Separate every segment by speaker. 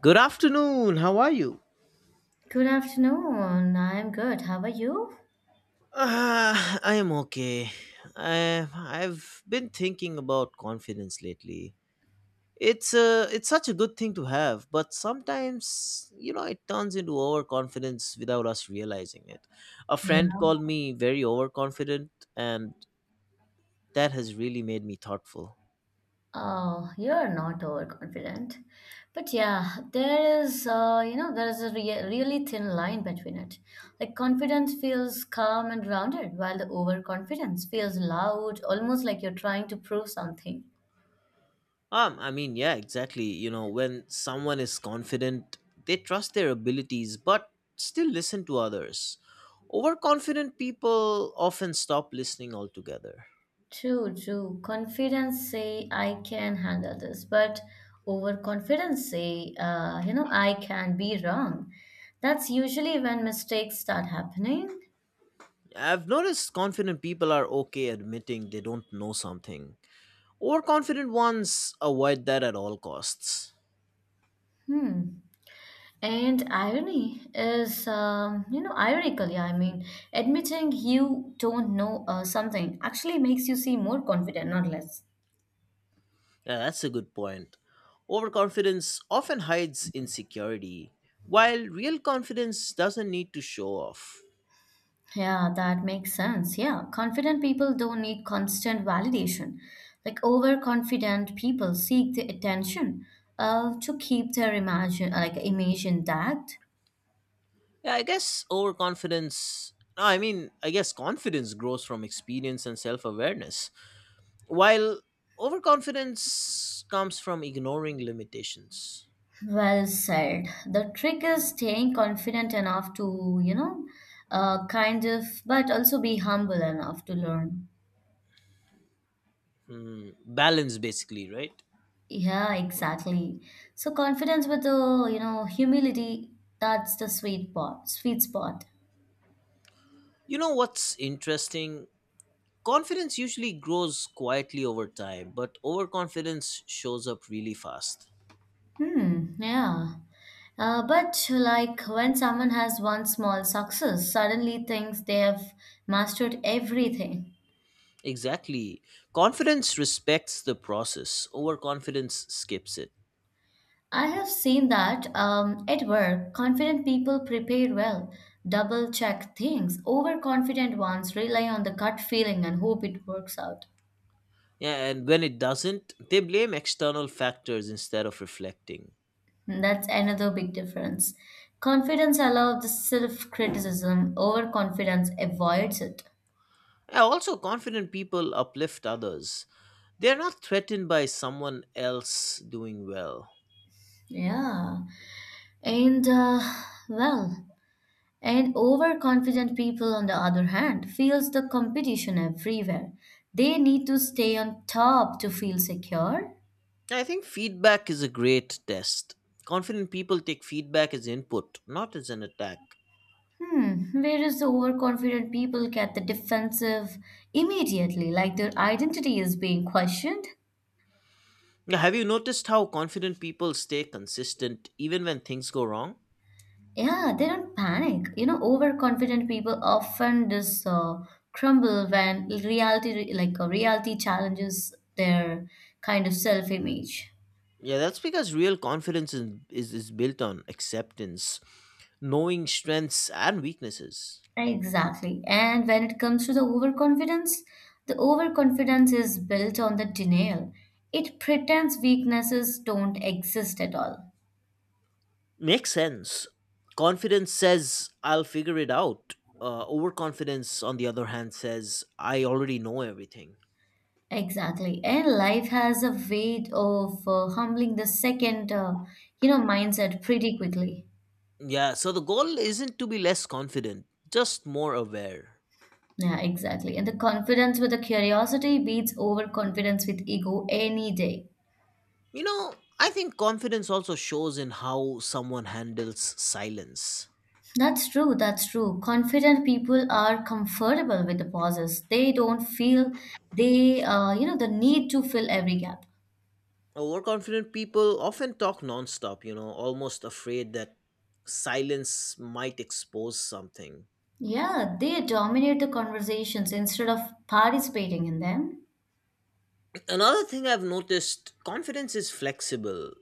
Speaker 1: Good afternoon. How are you?
Speaker 2: Good afternoon. I am good. How are you?
Speaker 1: I am okay. I've been thinking about confidence lately. It's such a good thing to have, but sometimes it turns into overconfidence without us realizing it. A
Speaker 2: Yeah.
Speaker 1: friend called me very overconfident, and that has really made me thoughtful.
Speaker 2: Oh, you're not overconfident. But yeah, there is a really thin line between it. Like confidence feels calm and grounded, while the overconfidence feels loud, almost like you're trying to prove something.
Speaker 1: I mean, yeah, exactly. When someone is confident, they trust their abilities but still listen to others. Overconfident people often stop listening altogether.
Speaker 2: True, true. Confidence say I can handle this, but overconfidence say, I can be wrong. That's usually when mistakes start happening.
Speaker 1: I've noticed confident people are okay admitting they don't know something. Overconfident ones avoid that at all costs.
Speaker 2: Hmm. And irony is, you know, ironically, I mean, admitting you don't know something actually makes you seem more confident, not less.
Speaker 1: Yeah, that's a good point. Overconfidence often hides insecurity, while real confidence doesn't need to show off.
Speaker 2: Yeah, that makes sense. Yeah, confident people don't need constant validation. Like overconfident people seek the attention to keep their imagine, like image intact.
Speaker 1: Yeah, I guess overconfidence. No, I mean, I guess confidence grows from experience and self awareness, while overconfidence comes from ignoring limitations.
Speaker 2: Well said. The trick is staying confident enough to, you know, kind of, but also be humble enough to learn.
Speaker 1: Balance, basically, right?
Speaker 2: Yeah, exactly. So confidence with the humility, that's the sweet spot, sweet spot.
Speaker 1: You know what's interesting? Confidence usually grows quietly over time, but overconfidence shows up really fast.
Speaker 2: Hmm, yeah. But like when someone has one small success, suddenly thinks they have mastered everything.
Speaker 1: Exactly. Confidence respects the process, overconfidence skips it.
Speaker 2: I have seen that at work, confident people prepare well, double check things. Overconfident ones rely on the gut feeling and hope it works out.
Speaker 1: Yeah, and when it doesn't, they blame external factors instead of reflecting.
Speaker 2: That's another big difference. Confidence allows the self-criticism, overconfidence avoids it.
Speaker 1: Yeah, also, confident people uplift others. They're not threatened by someone else doing well.
Speaker 2: Yeah. And uh, well, and overconfident people on the other hand feels the competition everywhere. They need to stay on top to feel secure.
Speaker 1: I think feedback is a great test. Confident people take feedback as input, not as an attack.
Speaker 2: Hmm, whereas the overconfident people get the defensive immediately, like their identity is being questioned.
Speaker 1: Yeah, have you noticed how confident people stay consistent even when things go wrong?
Speaker 2: Yeah, they don't panic. You know, overconfident people often just crumble when reality, challenges their kind of self-image.
Speaker 1: Yeah, that's because real confidence is built on acceptance, knowing strengths and weaknesses.
Speaker 2: Exactly. And when it comes to the overconfidence is built on the denial. It pretends weaknesses don't exist at all.
Speaker 1: Makes sense. Confidence says, I'll figure it out. Overconfidence, on the other hand, says, I already know everything.
Speaker 2: Exactly. And life has a way of humbling the second mindset pretty quickly.
Speaker 1: Yeah, so the goal isn't to be less confident, just more aware.
Speaker 2: Yeah, exactly. And the confidence with the curiosity beats overconfidence with ego any day.
Speaker 1: You know, I think confidence also shows in how someone handles silence.
Speaker 2: That's true. That's true. Confident people are comfortable with the pauses. They don't feel the need to fill every gap.
Speaker 1: Overconfident people often talk nonstop, almost afraid that silence might expose something.
Speaker 2: Yeah, they dominate the conversations instead of participating in them.
Speaker 1: Another thing I've noticed confidence is flexible.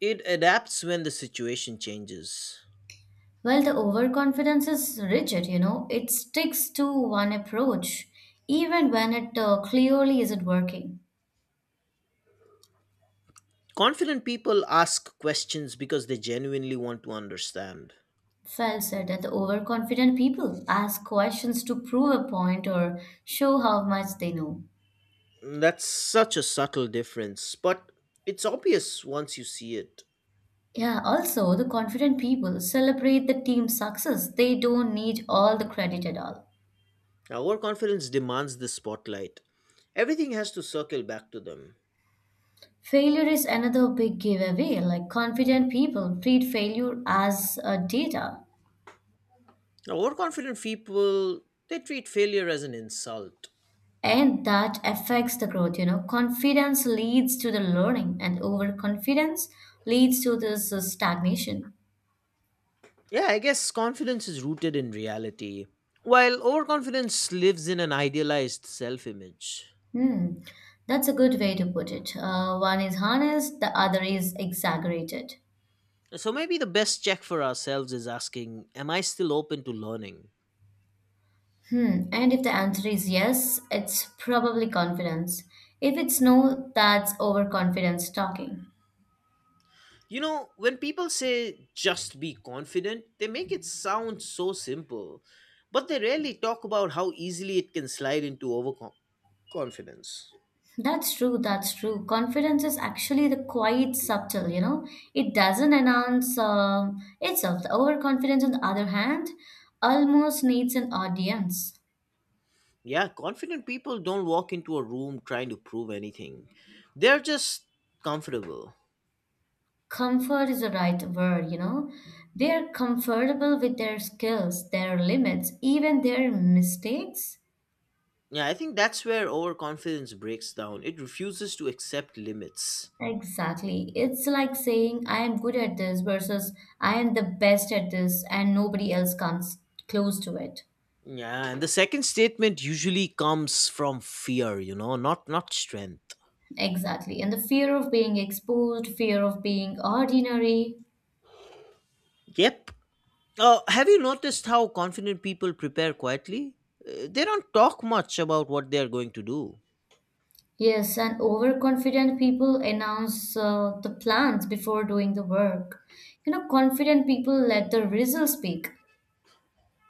Speaker 1: It adapts when the situation changes.
Speaker 2: Well, the overconfidence is rigid, you know, it sticks to one approach, even when it clearly isn't working.
Speaker 1: Confident people ask questions because they genuinely want to understand.
Speaker 2: Well said that the overconfident people ask questions to prove a point or show how much they know.
Speaker 1: That's such a subtle difference, but it's obvious once you see it.
Speaker 2: Yeah, also the confident people celebrate the team's success. They don't need all the credit at all.
Speaker 1: Overconfidence demands the spotlight. Everything has to circle back to them.
Speaker 2: Failure is another big giveaway. Like confident people treat failure as a data,
Speaker 1: Overconfident people, they treat failure as an insult.
Speaker 2: and that affects the growth. You know, confidence leads to the learning, and overconfidence leads to this stagnation.
Speaker 1: Yeah, I guess confidence is rooted in reality, while overconfidence lives in an idealized self image.
Speaker 2: Hmm, that's a good way to put it. One is honest, the other is exaggerated.
Speaker 1: So maybe the best check for ourselves is asking, Am I still open to learning?
Speaker 2: Hmm, and if the answer is yes, it's probably confidence. If it's no, that's overconfidence talking.
Speaker 1: When people say just be confident, they make it sound so simple, but they rarely talk about how easily it can slide into overconfidence.
Speaker 2: That's true, that's true. Confidence is actually the quite subtle, you know. It doesn't announce itself. The overconfidence, on the other hand, almost needs an audience.
Speaker 1: Yeah, confident people don't walk into a room trying to prove anything, they're just comfortable.
Speaker 2: Comfort is the right word, you know. They're comfortable with their skills, their limits, even their mistakes.
Speaker 1: Yeah, I think that's where overconfidence breaks down. It refuses to accept limits.
Speaker 2: Exactly. It's like saying, I am good at this versus I am the best at this, and nobody else comes close to it.
Speaker 1: Yeah, and the second statement usually comes from fear, not strength.
Speaker 2: Exactly. And the fear of being exposed, fear of being ordinary.
Speaker 1: Yep. Have you noticed how confident people prepare quietly? They don't talk much about what they are going to do.
Speaker 2: Yes, and overconfident people announce the plans before doing the work. You know, confident people let the results speak.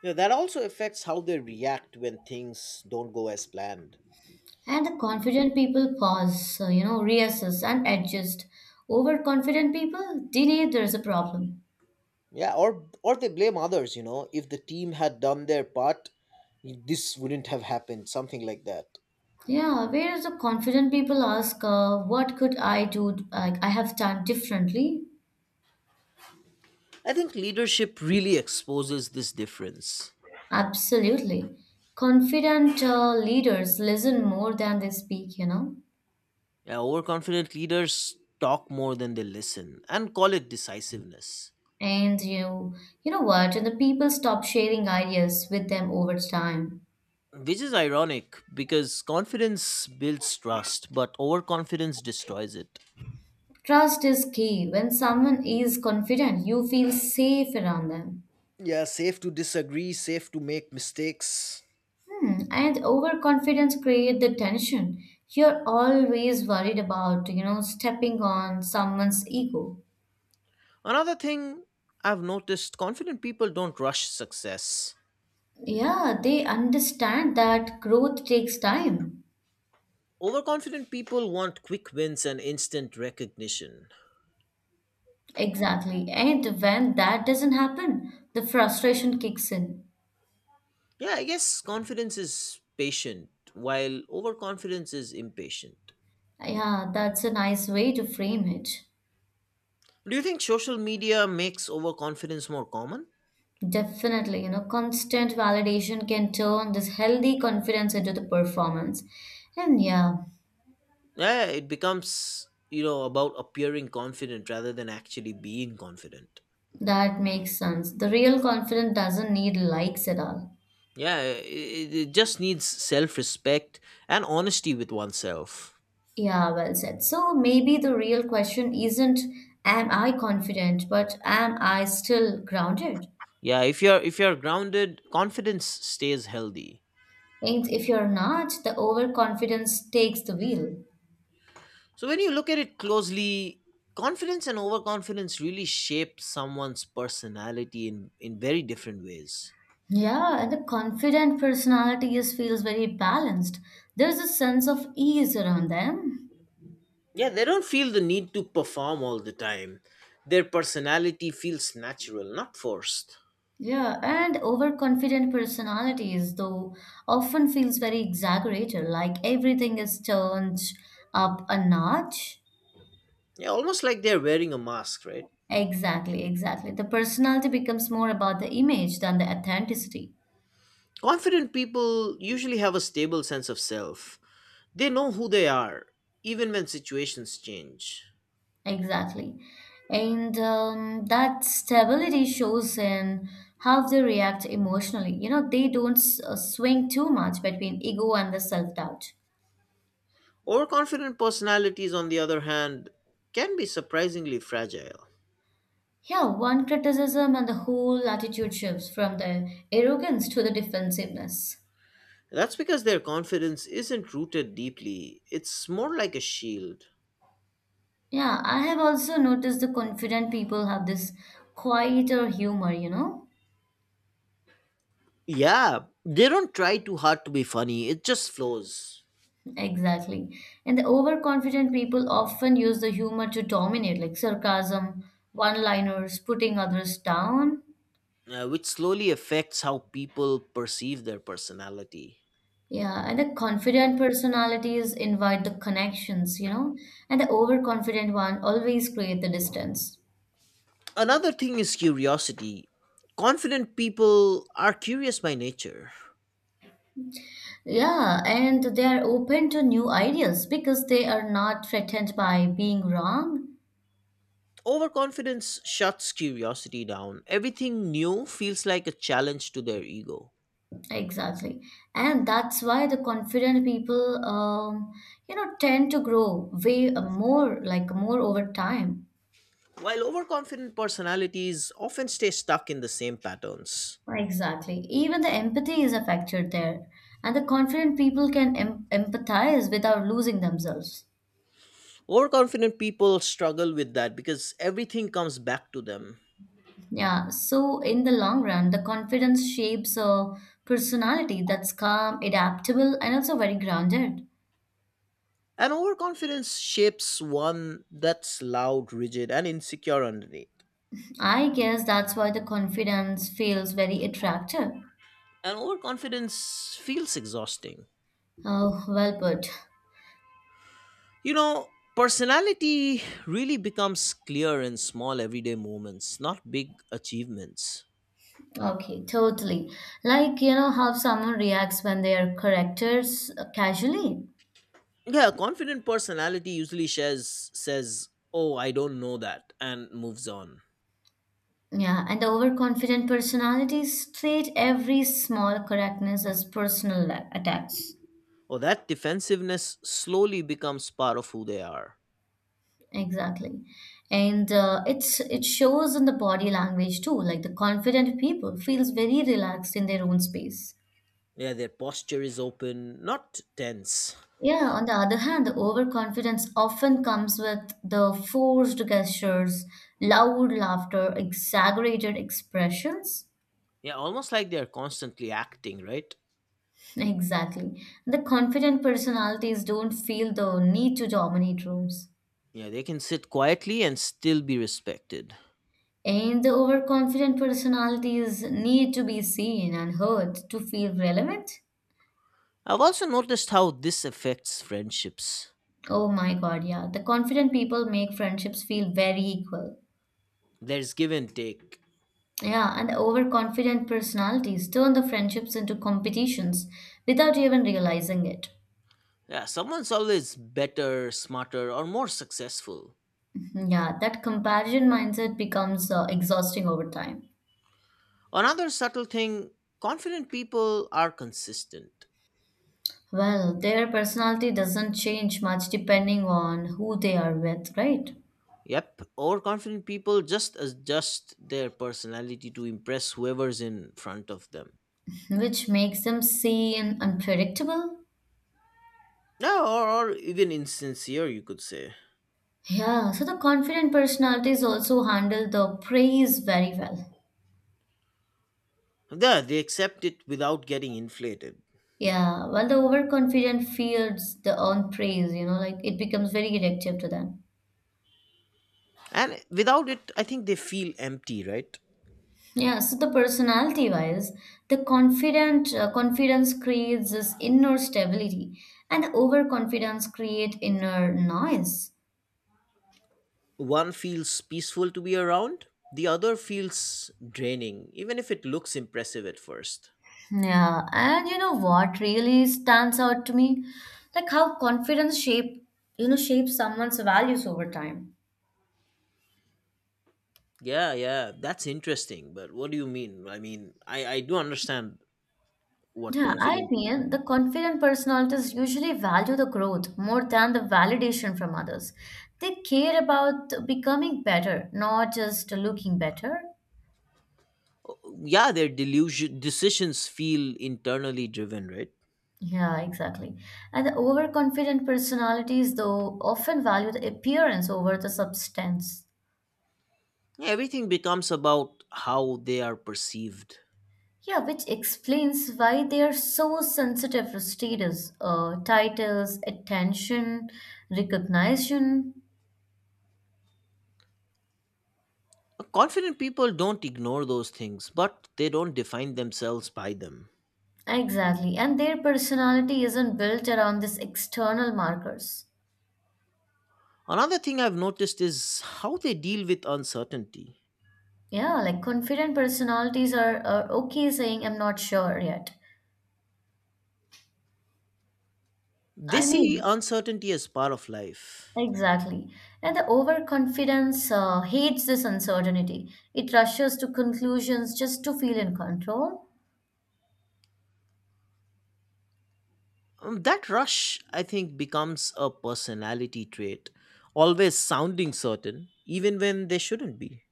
Speaker 1: Yeah, that also affects how they react when things don't go as planned.
Speaker 2: And the confident people pause, reassess and adjust. Overconfident people deny there's a problem.
Speaker 1: Yeah, or they blame others. If the team had done their part, this wouldn't have happened, something like that.
Speaker 2: Yeah, whereas the confident people ask, what could I do? Like, I have done differently.
Speaker 1: I think leadership really exposes this difference.
Speaker 2: Absolutely. Confident leaders listen more than they speak, you know.
Speaker 1: Yeah, overconfident leaders talk more than they listen and call it decisiveness,
Speaker 2: And you, you know what? And the people stop sharing ideas with them over time.
Speaker 1: which is ironic because confidence builds trust, but overconfidence destroys it.
Speaker 2: Trust is key. When someone is confident, you feel safe around them.
Speaker 1: Yeah, safe to disagree, safe to make mistakes.
Speaker 2: Hmm, and overconfidence create the tension. You're always worried about stepping on someone's ego.
Speaker 1: Another thing I've noticed confident people don't rush success.
Speaker 2: Yeah, they understand that growth takes time.
Speaker 1: Overconfident people want quick wins and instant recognition.
Speaker 2: Exactly. And when that doesn't happen, the frustration kicks in.
Speaker 1: Yeah, I guess confidence is patient, while overconfidence is impatient.
Speaker 2: Yeah, that's a nice way to frame it.
Speaker 1: Do you think social media makes overconfidence more common?
Speaker 2: Definitely, you know, constant validation can turn this healthy confidence into the performance. And yeah,
Speaker 1: Yeah, it becomes, about appearing confident rather than actually being confident.
Speaker 2: that makes sense. The real confidence doesn't need likes at all.
Speaker 1: Yeah, it just needs self-respect and honesty with oneself.
Speaker 2: Yeah, well said. So maybe the real question isn't am I confident, but am I still grounded?
Speaker 1: Yeah, if you're grounded, confidence stays healthy.
Speaker 2: And if you're not, the overconfidence takes the wheel.
Speaker 1: So when you look at it closely, confidence and overconfidence really shape someone's personality in very different ways.
Speaker 2: Yeah, and the confident personality is feels very balanced. There's a sense of ease around them.
Speaker 1: Yeah, they don't feel the need to perform all the time. Their personality feels natural, not forced.
Speaker 2: Yeah, and overconfident personalities, though, often feels very exaggerated, like everything is turned up a notch.
Speaker 1: Yeah, almost like they're wearing a mask, right?
Speaker 2: Exactly, exactly. The personality becomes more about the image than the authenticity.
Speaker 1: Confident people usually have a stable sense of self. They know who they are, even when situations change.
Speaker 2: Exactly. And that stability shows in how they react emotionally. You know, they don't swing too much between ego and the self-doubt.
Speaker 1: Overconfident personalities, on the other hand, can be surprisingly fragile.
Speaker 2: Yeah, one criticism and the whole attitude shifts from the arrogance to the defensiveness.
Speaker 1: That's because their confidence isn't rooted deeply, it's more like a shield.
Speaker 2: Yeah, I have also noticed the confident people have this quieter humor, you know?
Speaker 1: Yeah, they don't try too hard to be funny, it just flows.
Speaker 2: Exactly. And the overconfident people often use the humor to dominate, like sarcasm, one-liners, putting others down.
Speaker 1: Which slowly affects how people perceive their personality.
Speaker 2: Yeah, and the confident personalities invite the connections, you know? And the overconfident one always create the distance.
Speaker 1: Another thing is curiosity. Confident people are curious by nature.
Speaker 2: Yeah, and they are open to new ideas because they are not threatened by being wrong.
Speaker 1: Overconfidence shuts curiosity down. Everything new feels like a challenge to their ego.
Speaker 2: Exactly. And that's why the confident people tend to grow way more, like more over time.
Speaker 1: While overconfident personalities often stay stuck in the same patterns.
Speaker 2: Exactly. Even the empathy is a factor there. And the confident people can empathize without losing themselves.
Speaker 1: Overconfident people struggle with that because everything comes back to them.
Speaker 2: Yeah, so in the long run, the confidence shapes a personality that's calm, adaptable, and also very grounded.
Speaker 1: And overconfidence shapes one that's loud, rigid, and insecure underneath.
Speaker 2: I guess that's why the confidence feels very attractive.
Speaker 1: And overconfidence feels exhausting.
Speaker 2: Oh, well put.
Speaker 1: You know, personality really becomes clear in small everyday moments, not big achievements.
Speaker 2: Okay, totally. Like, you know, how someone reacts when they are corrected casually.
Speaker 1: Yeah, a confident personality usually shares, says, Oh, I don't know that, and moves on.
Speaker 2: Yeah, and the overconfident personalities treat every small correctness as personal attacks.
Speaker 1: Or that defensiveness slowly becomes part of who they are.
Speaker 2: Exactly. And it shows in the body language too. Like the confident people feels very relaxed in their own space.
Speaker 1: Yeah, their posture is open, not tense.
Speaker 2: Yeah, on the other hand, the overconfidence often comes with the forced gestures, loud laughter, exaggerated expressions.
Speaker 1: Yeah, almost like they're constantly acting, right?
Speaker 2: Exactly. The confident personalities don't feel the need to dominate rooms.
Speaker 1: Yeah, they can sit quietly and still be respected.
Speaker 2: And the overconfident personalities need to be seen and heard to feel relevant.
Speaker 1: I've also noticed how this affects friendships.
Speaker 2: Oh my god, yeah. The confident people make friendships feel very equal.
Speaker 1: There's give and take.
Speaker 2: Yeah, and overconfident personalities turn the friendships into competitions without even realizing it.
Speaker 1: Yeah, someone's always better, smarter, or more successful.
Speaker 2: Yeah, that comparison mindset becomes exhausting over time.
Speaker 1: Another subtle thing confident people are consistent.
Speaker 2: Well, their personality doesn't change much depending on who they are with, right?
Speaker 1: Yep, overconfident people just adjust their personality to impress whoever's in front of them.
Speaker 2: Which makes them seen, unpredictable.
Speaker 1: Yeah, or even insincere, you could say.
Speaker 2: Yeah, so the confident personalities also handle the praise very well.
Speaker 1: Yeah, they accept it without getting inflated.
Speaker 2: Yeah, while the overconfident fears the own praise, you know, like it becomes very addictive to them.
Speaker 1: And without it, I think they feel empty, right?
Speaker 2: Yeah, so the personality wise, the confident confidence creates this inner stability, and the overconfidence create inner noise.
Speaker 1: One feels peaceful to be around, the other feels draining, even if it looks impressive at first.
Speaker 2: Yeah, and you know what really stands out to me, like how confidence shapes someone's values over time.
Speaker 1: Yeah, yeah, that's interesting. But what do you mean? I mean, I do understand what
Speaker 2: Yeah, I
Speaker 1: confidence.
Speaker 2: mean,
Speaker 1: Mhm.
Speaker 2: the confident personalities usually value the growth more than the validation from others. They care about becoming better, not just looking better.
Speaker 1: Yeah, their delusion decisions feel internally driven, right?
Speaker 2: Yeah, exactly. And the overconfident personalities, though, often value the appearance over the substance.
Speaker 1: Yeah, everything becomes about how they are perceived.
Speaker 2: Yeah, which explains why they are so sensitive to status, titles, attention, recognition.
Speaker 1: Confident people don't ignore those things, but they don't define themselves by them.
Speaker 2: Exactly. And their personality isn't built around these external markers.
Speaker 1: Another thing I've noticed is how they deal with uncertainty.
Speaker 2: Yeah, like confident personalities are okay saying, I'm not sure yet.
Speaker 1: They
Speaker 2: I
Speaker 1: see
Speaker 2: mean,
Speaker 1: uncertainty as part of life.
Speaker 2: exactly. And the overconfidence hates this uncertainty. It rushes to conclusions just to feel in control.
Speaker 1: That rush, I think, becomes a personality trait, always sounding certain, even when they shouldn't be.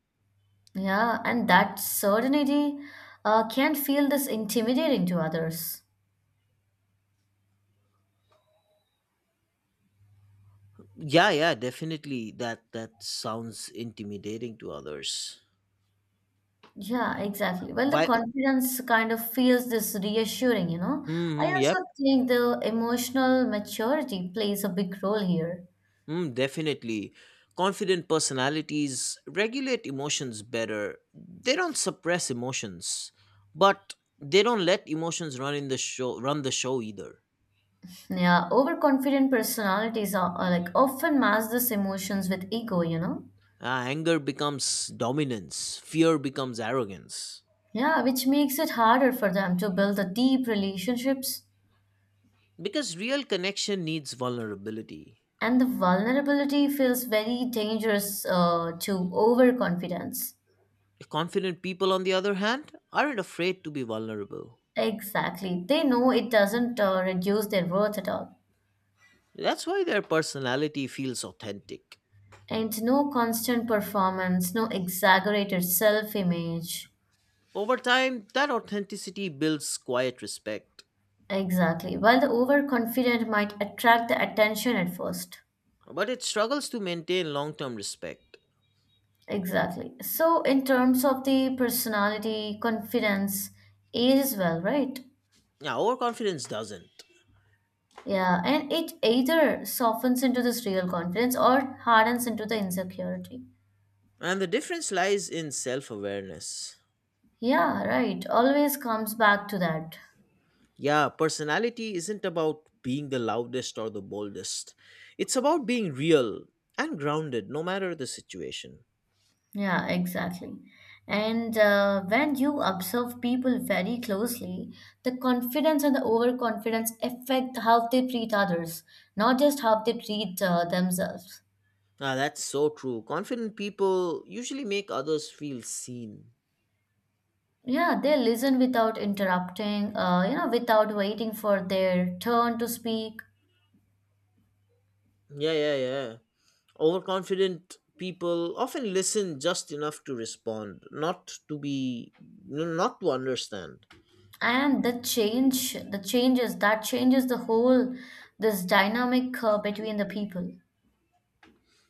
Speaker 2: Yeah, and that certainty can feel this intimidating to others.
Speaker 1: Yeah, yeah, definitely. That sounds intimidating to others.
Speaker 2: Yeah, exactly. Well, the
Speaker 1: Why?
Speaker 2: confidence kind of feels this reassuring, you know. I
Speaker 1: Mm, yep.
Speaker 2: also think the emotional maturity plays a big role here.
Speaker 1: Mm, definitely. Confident personalities regulate emotions better. They don't suppress emotions, but they don't let emotions run the show either.
Speaker 2: Yeah, overconfident personalities are like often mask this emotions with ego, you know.
Speaker 1: Anger becomes dominance, fear becomes arrogance.
Speaker 2: Yeah, which makes it harder for them to build the deep relationships.
Speaker 1: Because real connection needs vulnerability.
Speaker 2: And the vulnerability feels very dangerous to overconfidence.
Speaker 1: Confident people, on the other hand, aren't afraid to be vulnerable.
Speaker 2: Exactly. They know it doesn't reduce their worth at all.
Speaker 1: That's why their personality feels authentic.
Speaker 2: And no constant performance, no exaggerated self image.
Speaker 1: Over time, that authenticity builds quiet respect,
Speaker 2: Exactly. While the overconfident might attract the attention at first.
Speaker 1: but it struggles to maintain long term respect.
Speaker 2: Exactly. So, in terms of the personality, confidence, age as well, right?
Speaker 1: Now, overconfidence doesn't.
Speaker 2: Yeah, and it either softens into this real confidence or hardens into the insecurity.
Speaker 1: And the difference lies in self awareness.
Speaker 2: Yeah, right. Always comes back to that.
Speaker 1: Yeah, personality isn't about being the loudest or the boldest. It's about being real and grounded no matter the situation.
Speaker 2: Yeah, exactly. And when you observe people very closely, the confidence and the overconfidence affect how they treat others, not just how they treat themselves.
Speaker 1: Ah, that's so true. Confident people usually make others feel seen.
Speaker 2: Yeah, they listen without interrupting, without waiting for their turn to speak,
Speaker 1: Yeah, yeah, yeah. Overconfident people often listen just enough to respond, not to understand.
Speaker 2: and the change the changes that changes the whole this dynamic between the people.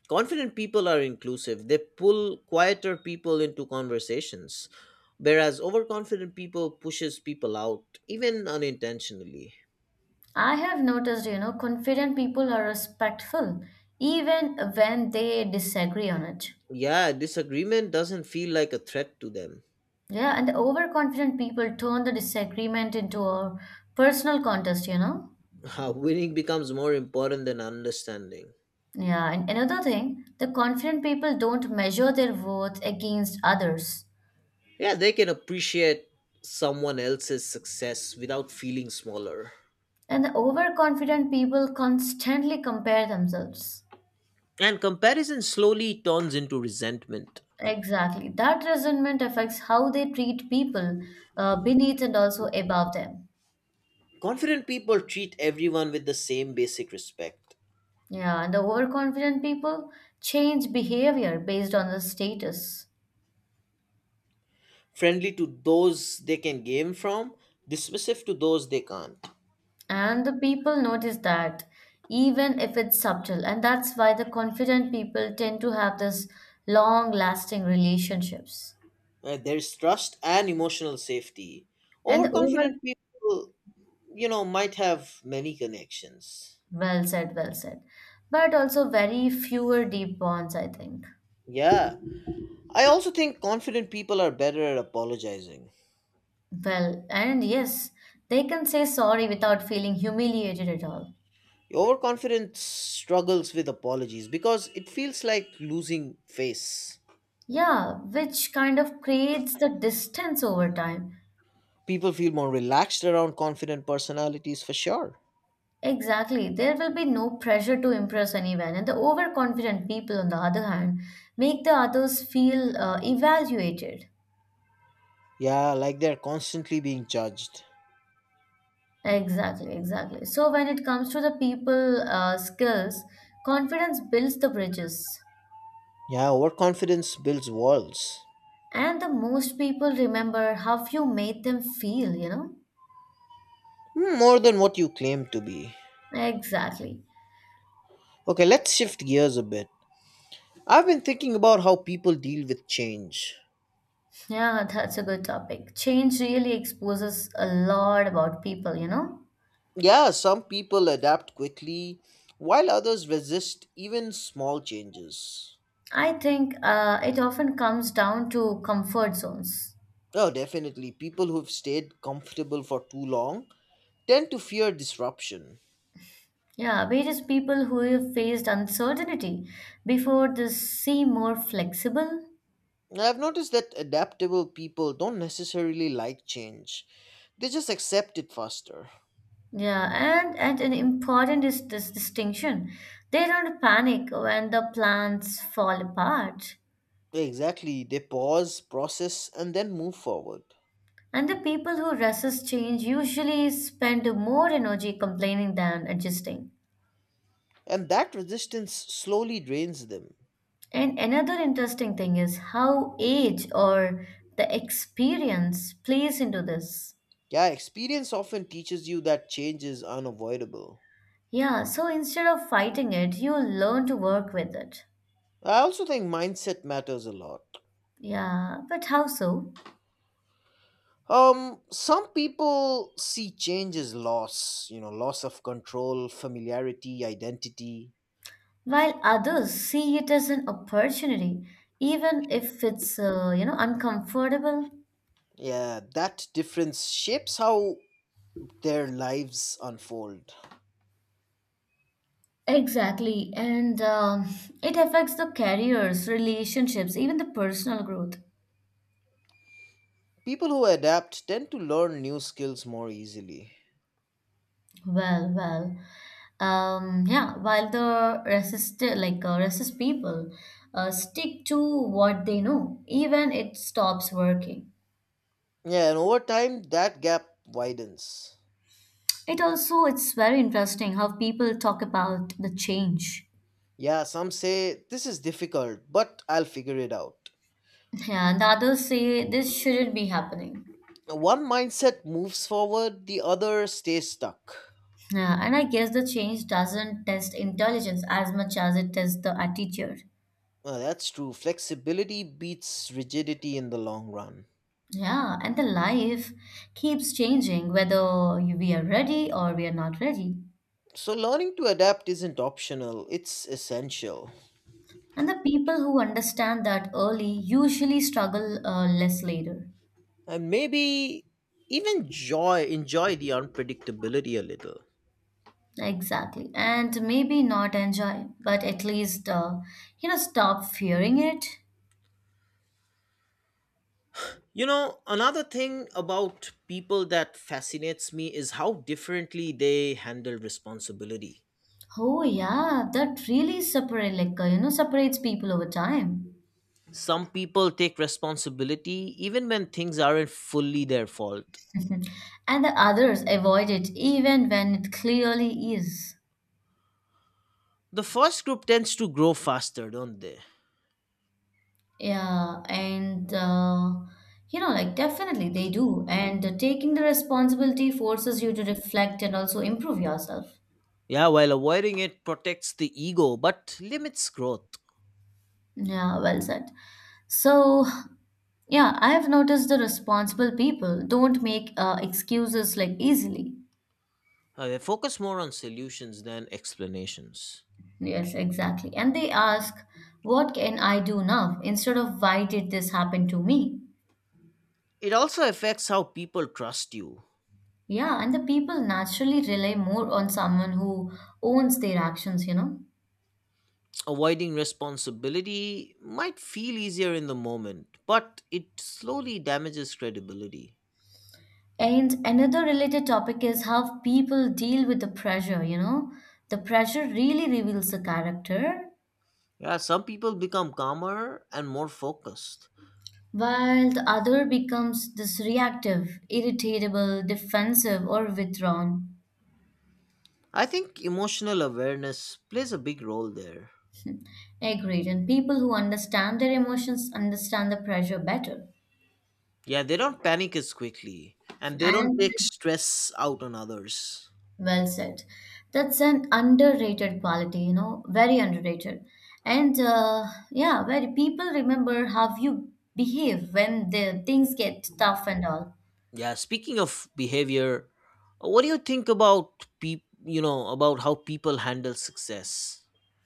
Speaker 1: Confident people are inclusive, they pull quieter people into conversations, whereas overconfident people pushes people out, even unintentionally.
Speaker 2: I have noticed, confident people are respectful even when they disagree on it.
Speaker 1: Yeah, disagreement doesn't feel like a threat to them.
Speaker 2: Yeah, and the overconfident people turn the disagreement into a personal contest, you know.
Speaker 1: Winning becomes more important than understanding.
Speaker 2: Yeah, and another thing, the confident people don't measure their worth against others.
Speaker 1: Yeah, they can appreciate someone else's success without feeling smaller.
Speaker 2: And the overconfident people constantly compare themselves.
Speaker 1: And comparison slowly turns into resentment.
Speaker 2: Exactly. That resentment affects how they treat people beneath and also above them.
Speaker 1: Confident people treat everyone with the same basic respect.
Speaker 2: Yeah, and the overconfident people change behavior based on the status.
Speaker 1: Friendly to those they can gain from, dismissive to those they can't.
Speaker 2: And the people notice that, even if it's subtle. And that's why the confident people tend to have this long-lasting relationships.
Speaker 1: There's trust and emotional safety.
Speaker 2: And the over,
Speaker 1: Overconfident people, might have many connections.
Speaker 2: well said, well said. But also very fewer deep bonds, I think.
Speaker 1: Yeah. I also think confident people are better at apologizing.
Speaker 2: Well, and yes, they can say sorry without feeling humiliated at all.
Speaker 1: Overconfidence struggles with apologies because it feels like losing face.
Speaker 2: Yeah, which kind of creates the distance over time.
Speaker 1: People feel more relaxed around confident personalities for sure.
Speaker 2: Exactly. There will be no pressure to impress anyone. And the overconfident people, on the other hand, make the others feel evaluated.
Speaker 1: Yeah, like they're constantly being judged.
Speaker 2: Exactly, exactly. So when it comes to the people skills, confidence builds the bridges.
Speaker 1: Yeah, overconfidence builds walls.
Speaker 2: And the most people remember how you made them feel,
Speaker 1: More than what you claim to be.
Speaker 2: Exactly.
Speaker 1: Okay, let's shift gears a bit. I've been thinking about how people deal with change.
Speaker 2: Yeah, that's a good topic. Change really exposes a lot about people, you know.
Speaker 1: Yeah, some people adapt quickly, while others resist even small changes.
Speaker 2: I think it often comes down to comfort zones.
Speaker 1: Oh, definitely. People who've stayed comfortable for too long tend to fear disruption.
Speaker 2: Yeah, various people who have faced uncertainty before this seem more flexible.
Speaker 1: I've noticed that adaptable people don't necessarily like change, they just accept it faster.
Speaker 2: Yeah, and an important is this distinction. They don't panic when the plans fall apart.
Speaker 1: Exactly. They pause, process, and then move forward.
Speaker 2: And the people who resist change usually spend more energy complaining than adjusting.
Speaker 1: And that resistance slowly drains them.
Speaker 2: And another interesting thing is how age or the experience plays into this.
Speaker 1: Yeah, experience often teaches you that change is unavoidable.
Speaker 2: Yeah, so instead of fighting it, you learn to work with it.
Speaker 1: I also think mindset matters a lot.
Speaker 2: Yeah, but how so?
Speaker 1: Some people see change as loss, loss of control, familiarity, identity.
Speaker 2: While others see it as an opportunity, even if it's, uncomfortable.
Speaker 1: Yeah, that difference shapes how their lives unfold.
Speaker 2: Exactly, and it affects the careers, relationships, even the personal growth.
Speaker 1: People who adapt tend to learn new skills more easily.
Speaker 2: Well, well. Yeah, while the resist people stick to what they know, even it stops working.
Speaker 1: Yeah, and over time, that gap widens.
Speaker 2: It also it's very interesting how people talk about the change.
Speaker 1: Yeah, some say this is difficult, but I'll figure it out.
Speaker 2: Yeah, and others say this shouldn't be happening.
Speaker 1: One mindset moves forward, the other stays stuck.
Speaker 2: Yeah, and I guess the change doesn't test intelligence as much as it tests the attitude.
Speaker 1: Well, that's true. Flexibility beats rigidity in the long run.
Speaker 2: Yeah, and the life keeps changing whether we are ready or we are not ready.
Speaker 1: So, learning to adapt isn't optional, it's essential.
Speaker 2: And the people who understand that early usually struggle less later.
Speaker 1: And maybe even enjoy the unpredictability a little.
Speaker 2: Exactly. And maybe not enjoy, but at least, stop fearing it.
Speaker 1: Another thing about people that fascinates me is how differently they handle responsibility.
Speaker 2: Oh, yeah, that really separate, separates people over time.
Speaker 1: Some people take responsibility even when things aren't fully their fault.
Speaker 2: And the others avoid it even when it clearly is.
Speaker 1: The first group tends to grow faster, don't they?
Speaker 2: Yeah, and like definitely they do. And taking the responsibility forces you to reflect and also improve yourself.
Speaker 1: Yeah, while avoiding it protects the ego but limits growth.
Speaker 2: Yeah, well said. So, yeah, I have noticed the responsible people don't make excuses like easily.
Speaker 1: They focus more on solutions than explanations.
Speaker 2: Yes, exactly. And they ask, what can I do now? Instead of why did this happen to me?
Speaker 1: It also affects how people trust you.
Speaker 2: Yeah, and the people naturally rely more on someone who owns their actions, you know.
Speaker 1: Avoiding responsibility might feel easier in the moment, but it slowly damages credibility.
Speaker 2: And another related topic is how people deal with the pressure, you know. The pressure really reveals the character
Speaker 1: Yeah, some people become calmer and more focused.
Speaker 2: while the other becomes this reactive, irritable, defensive, or withdrawn.
Speaker 1: I think emotional awareness plays a big role there.
Speaker 2: Agreed. And people who understand their emotions understand the pressure better.
Speaker 1: Yeah, they don't panic as quickly and they don't
Speaker 2: And
Speaker 1: take stress out on others.
Speaker 2: well said. That's an underrated quality, you know, very underrated. And yeah, where people remember how you behave when the things get tough and all.
Speaker 1: Yeah, speaking of behavior, what do you think about about how people handle success?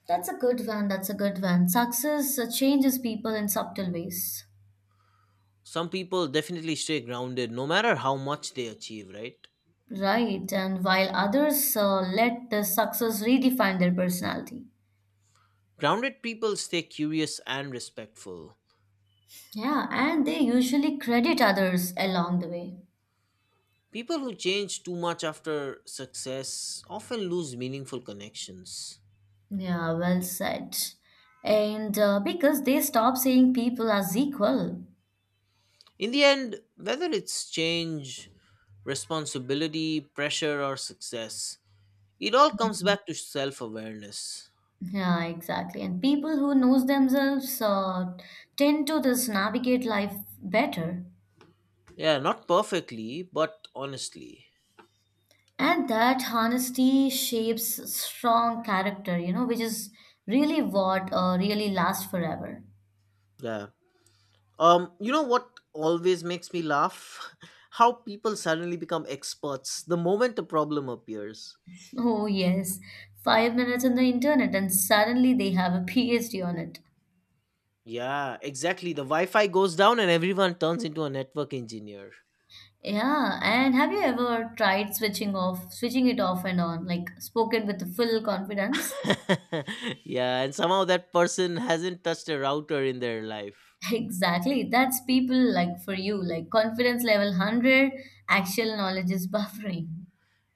Speaker 2: That's a good one. That's a good one. Success changes people in subtle ways.
Speaker 1: Some people definitely stay grounded no matter how much they achieve, right?
Speaker 2: Right, and while others let the success redefine their personality.
Speaker 1: Grounded people stay curious and respectful.
Speaker 2: Yeah, and they usually credit others along the way.
Speaker 1: People who change too much after success often lose meaningful connections.
Speaker 2: Yeah, well said. And because they stop seeing people as equal.
Speaker 1: In the end, whether it's change, responsibility, pressure, or success, it all comes back to self awareness.
Speaker 2: Yeah, exactly. And people who knows themselves tend to this navigate life better.
Speaker 1: Yeah, not perfectly, but honestly.
Speaker 2: And that honesty shapes strong character, you know, which is really what really lasts forever.
Speaker 1: Yeah. You know what always makes me laugh? How people suddenly become experts the moment a problem appears.
Speaker 2: Oh, yes. 5 minutes on the internet, and suddenly they have a PhD on it.
Speaker 1: Yeah, exactly. The Wi-Fi goes down and everyone turns into a network engineer.
Speaker 2: Yeah, and have you ever tried switching off, switching it off and on, like spoken with full confidence?
Speaker 1: Yeah, and somehow that person hasn't touched a router in their life.
Speaker 2: Exactly. That's people like for you, like confidence level 100, actual knowledge is buffering.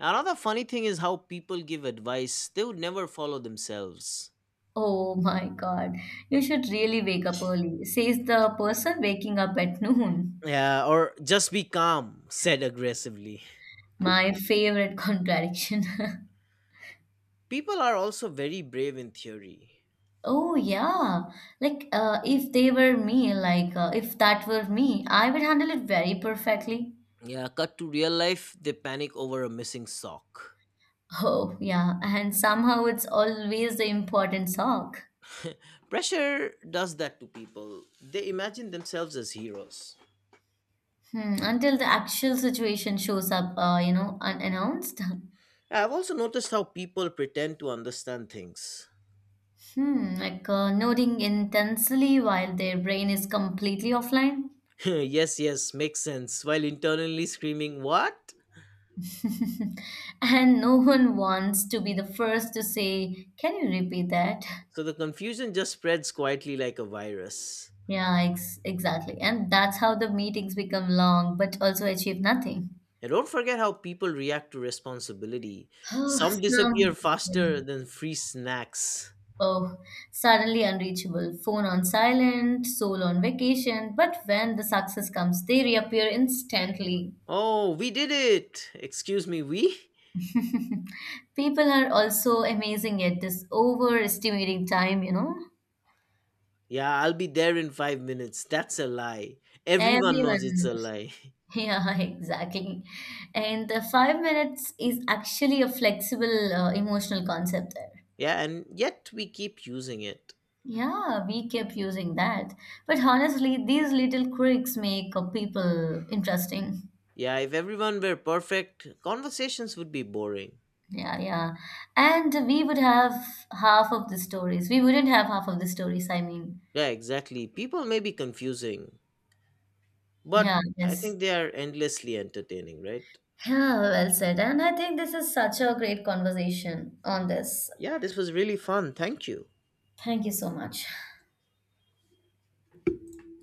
Speaker 1: Another funny thing is how people give advice they would never follow themselves.
Speaker 2: Oh my God. You should really wake up early, says the person waking up at noon.
Speaker 1: Yeah, or just be calm, said aggressively.
Speaker 2: My favorite contradiction.
Speaker 1: People are also very brave in theory.
Speaker 2: Oh yeah, like if they were me, like if that were me, I would handle it very perfectly.
Speaker 1: Yeah, cut to real life, they panic over a missing sock.
Speaker 2: Oh yeah, and somehow it's always the important sock.
Speaker 1: Pressure does that to people. They imagine themselves as heroes.
Speaker 2: Hmm, until the actual situation shows up, unannounced.
Speaker 1: I've also noticed how people pretend to understand things.
Speaker 2: Hmm, like nodding intensely while their brain is completely offline.
Speaker 1: Yes, yes, makes sense, while internally screaming, What?
Speaker 2: And no one wants to be the first to say, "Can you repeat that?"
Speaker 1: So the confusion just spreads quietly like a virus.
Speaker 2: Yeah, exactly. And that's how the meetings become long, but also achieve nothing.
Speaker 1: And don't forget how people react to responsibility.
Speaker 2: Oh,
Speaker 1: Some disappear
Speaker 2: some,
Speaker 1: faster
Speaker 2: yeah.
Speaker 1: than free snacks.
Speaker 2: Oh, suddenly unreachable. Phone on silent, soul on vacation. But when the success comes, they reappear instantly.
Speaker 1: Oh, we did it! Excuse me, we?
Speaker 2: People are also amazing at this overestimating time, you know?
Speaker 1: Yeah, I'll be there in 5 minutes. That's a lie. Everyone knows
Speaker 2: Everyone
Speaker 1: it's a
Speaker 2: knows.
Speaker 1: lie.
Speaker 2: Yeah, exactly. And the 5 minutes is actually a flexible emotional concept there.
Speaker 1: Yeah, and yet we keep using it.
Speaker 2: Yeah, we kept using that. But honestly, these little quirks make people interesting.
Speaker 1: Yeah, if everyone were perfect, conversations would be boring.
Speaker 2: Yeah, yeah. And we would have half of the stories. We wouldn't have half of the stories, I mean.
Speaker 1: Yeah, exactly. People may be confusing, but
Speaker 2: Yeah,
Speaker 1: I
Speaker 2: yes.
Speaker 1: think they are endlessly entertaining, right?
Speaker 2: Yeah, well said. And I think this is such a great conversation on this.
Speaker 1: Yeah, this was really fun. Thank you.
Speaker 2: Thank you so much.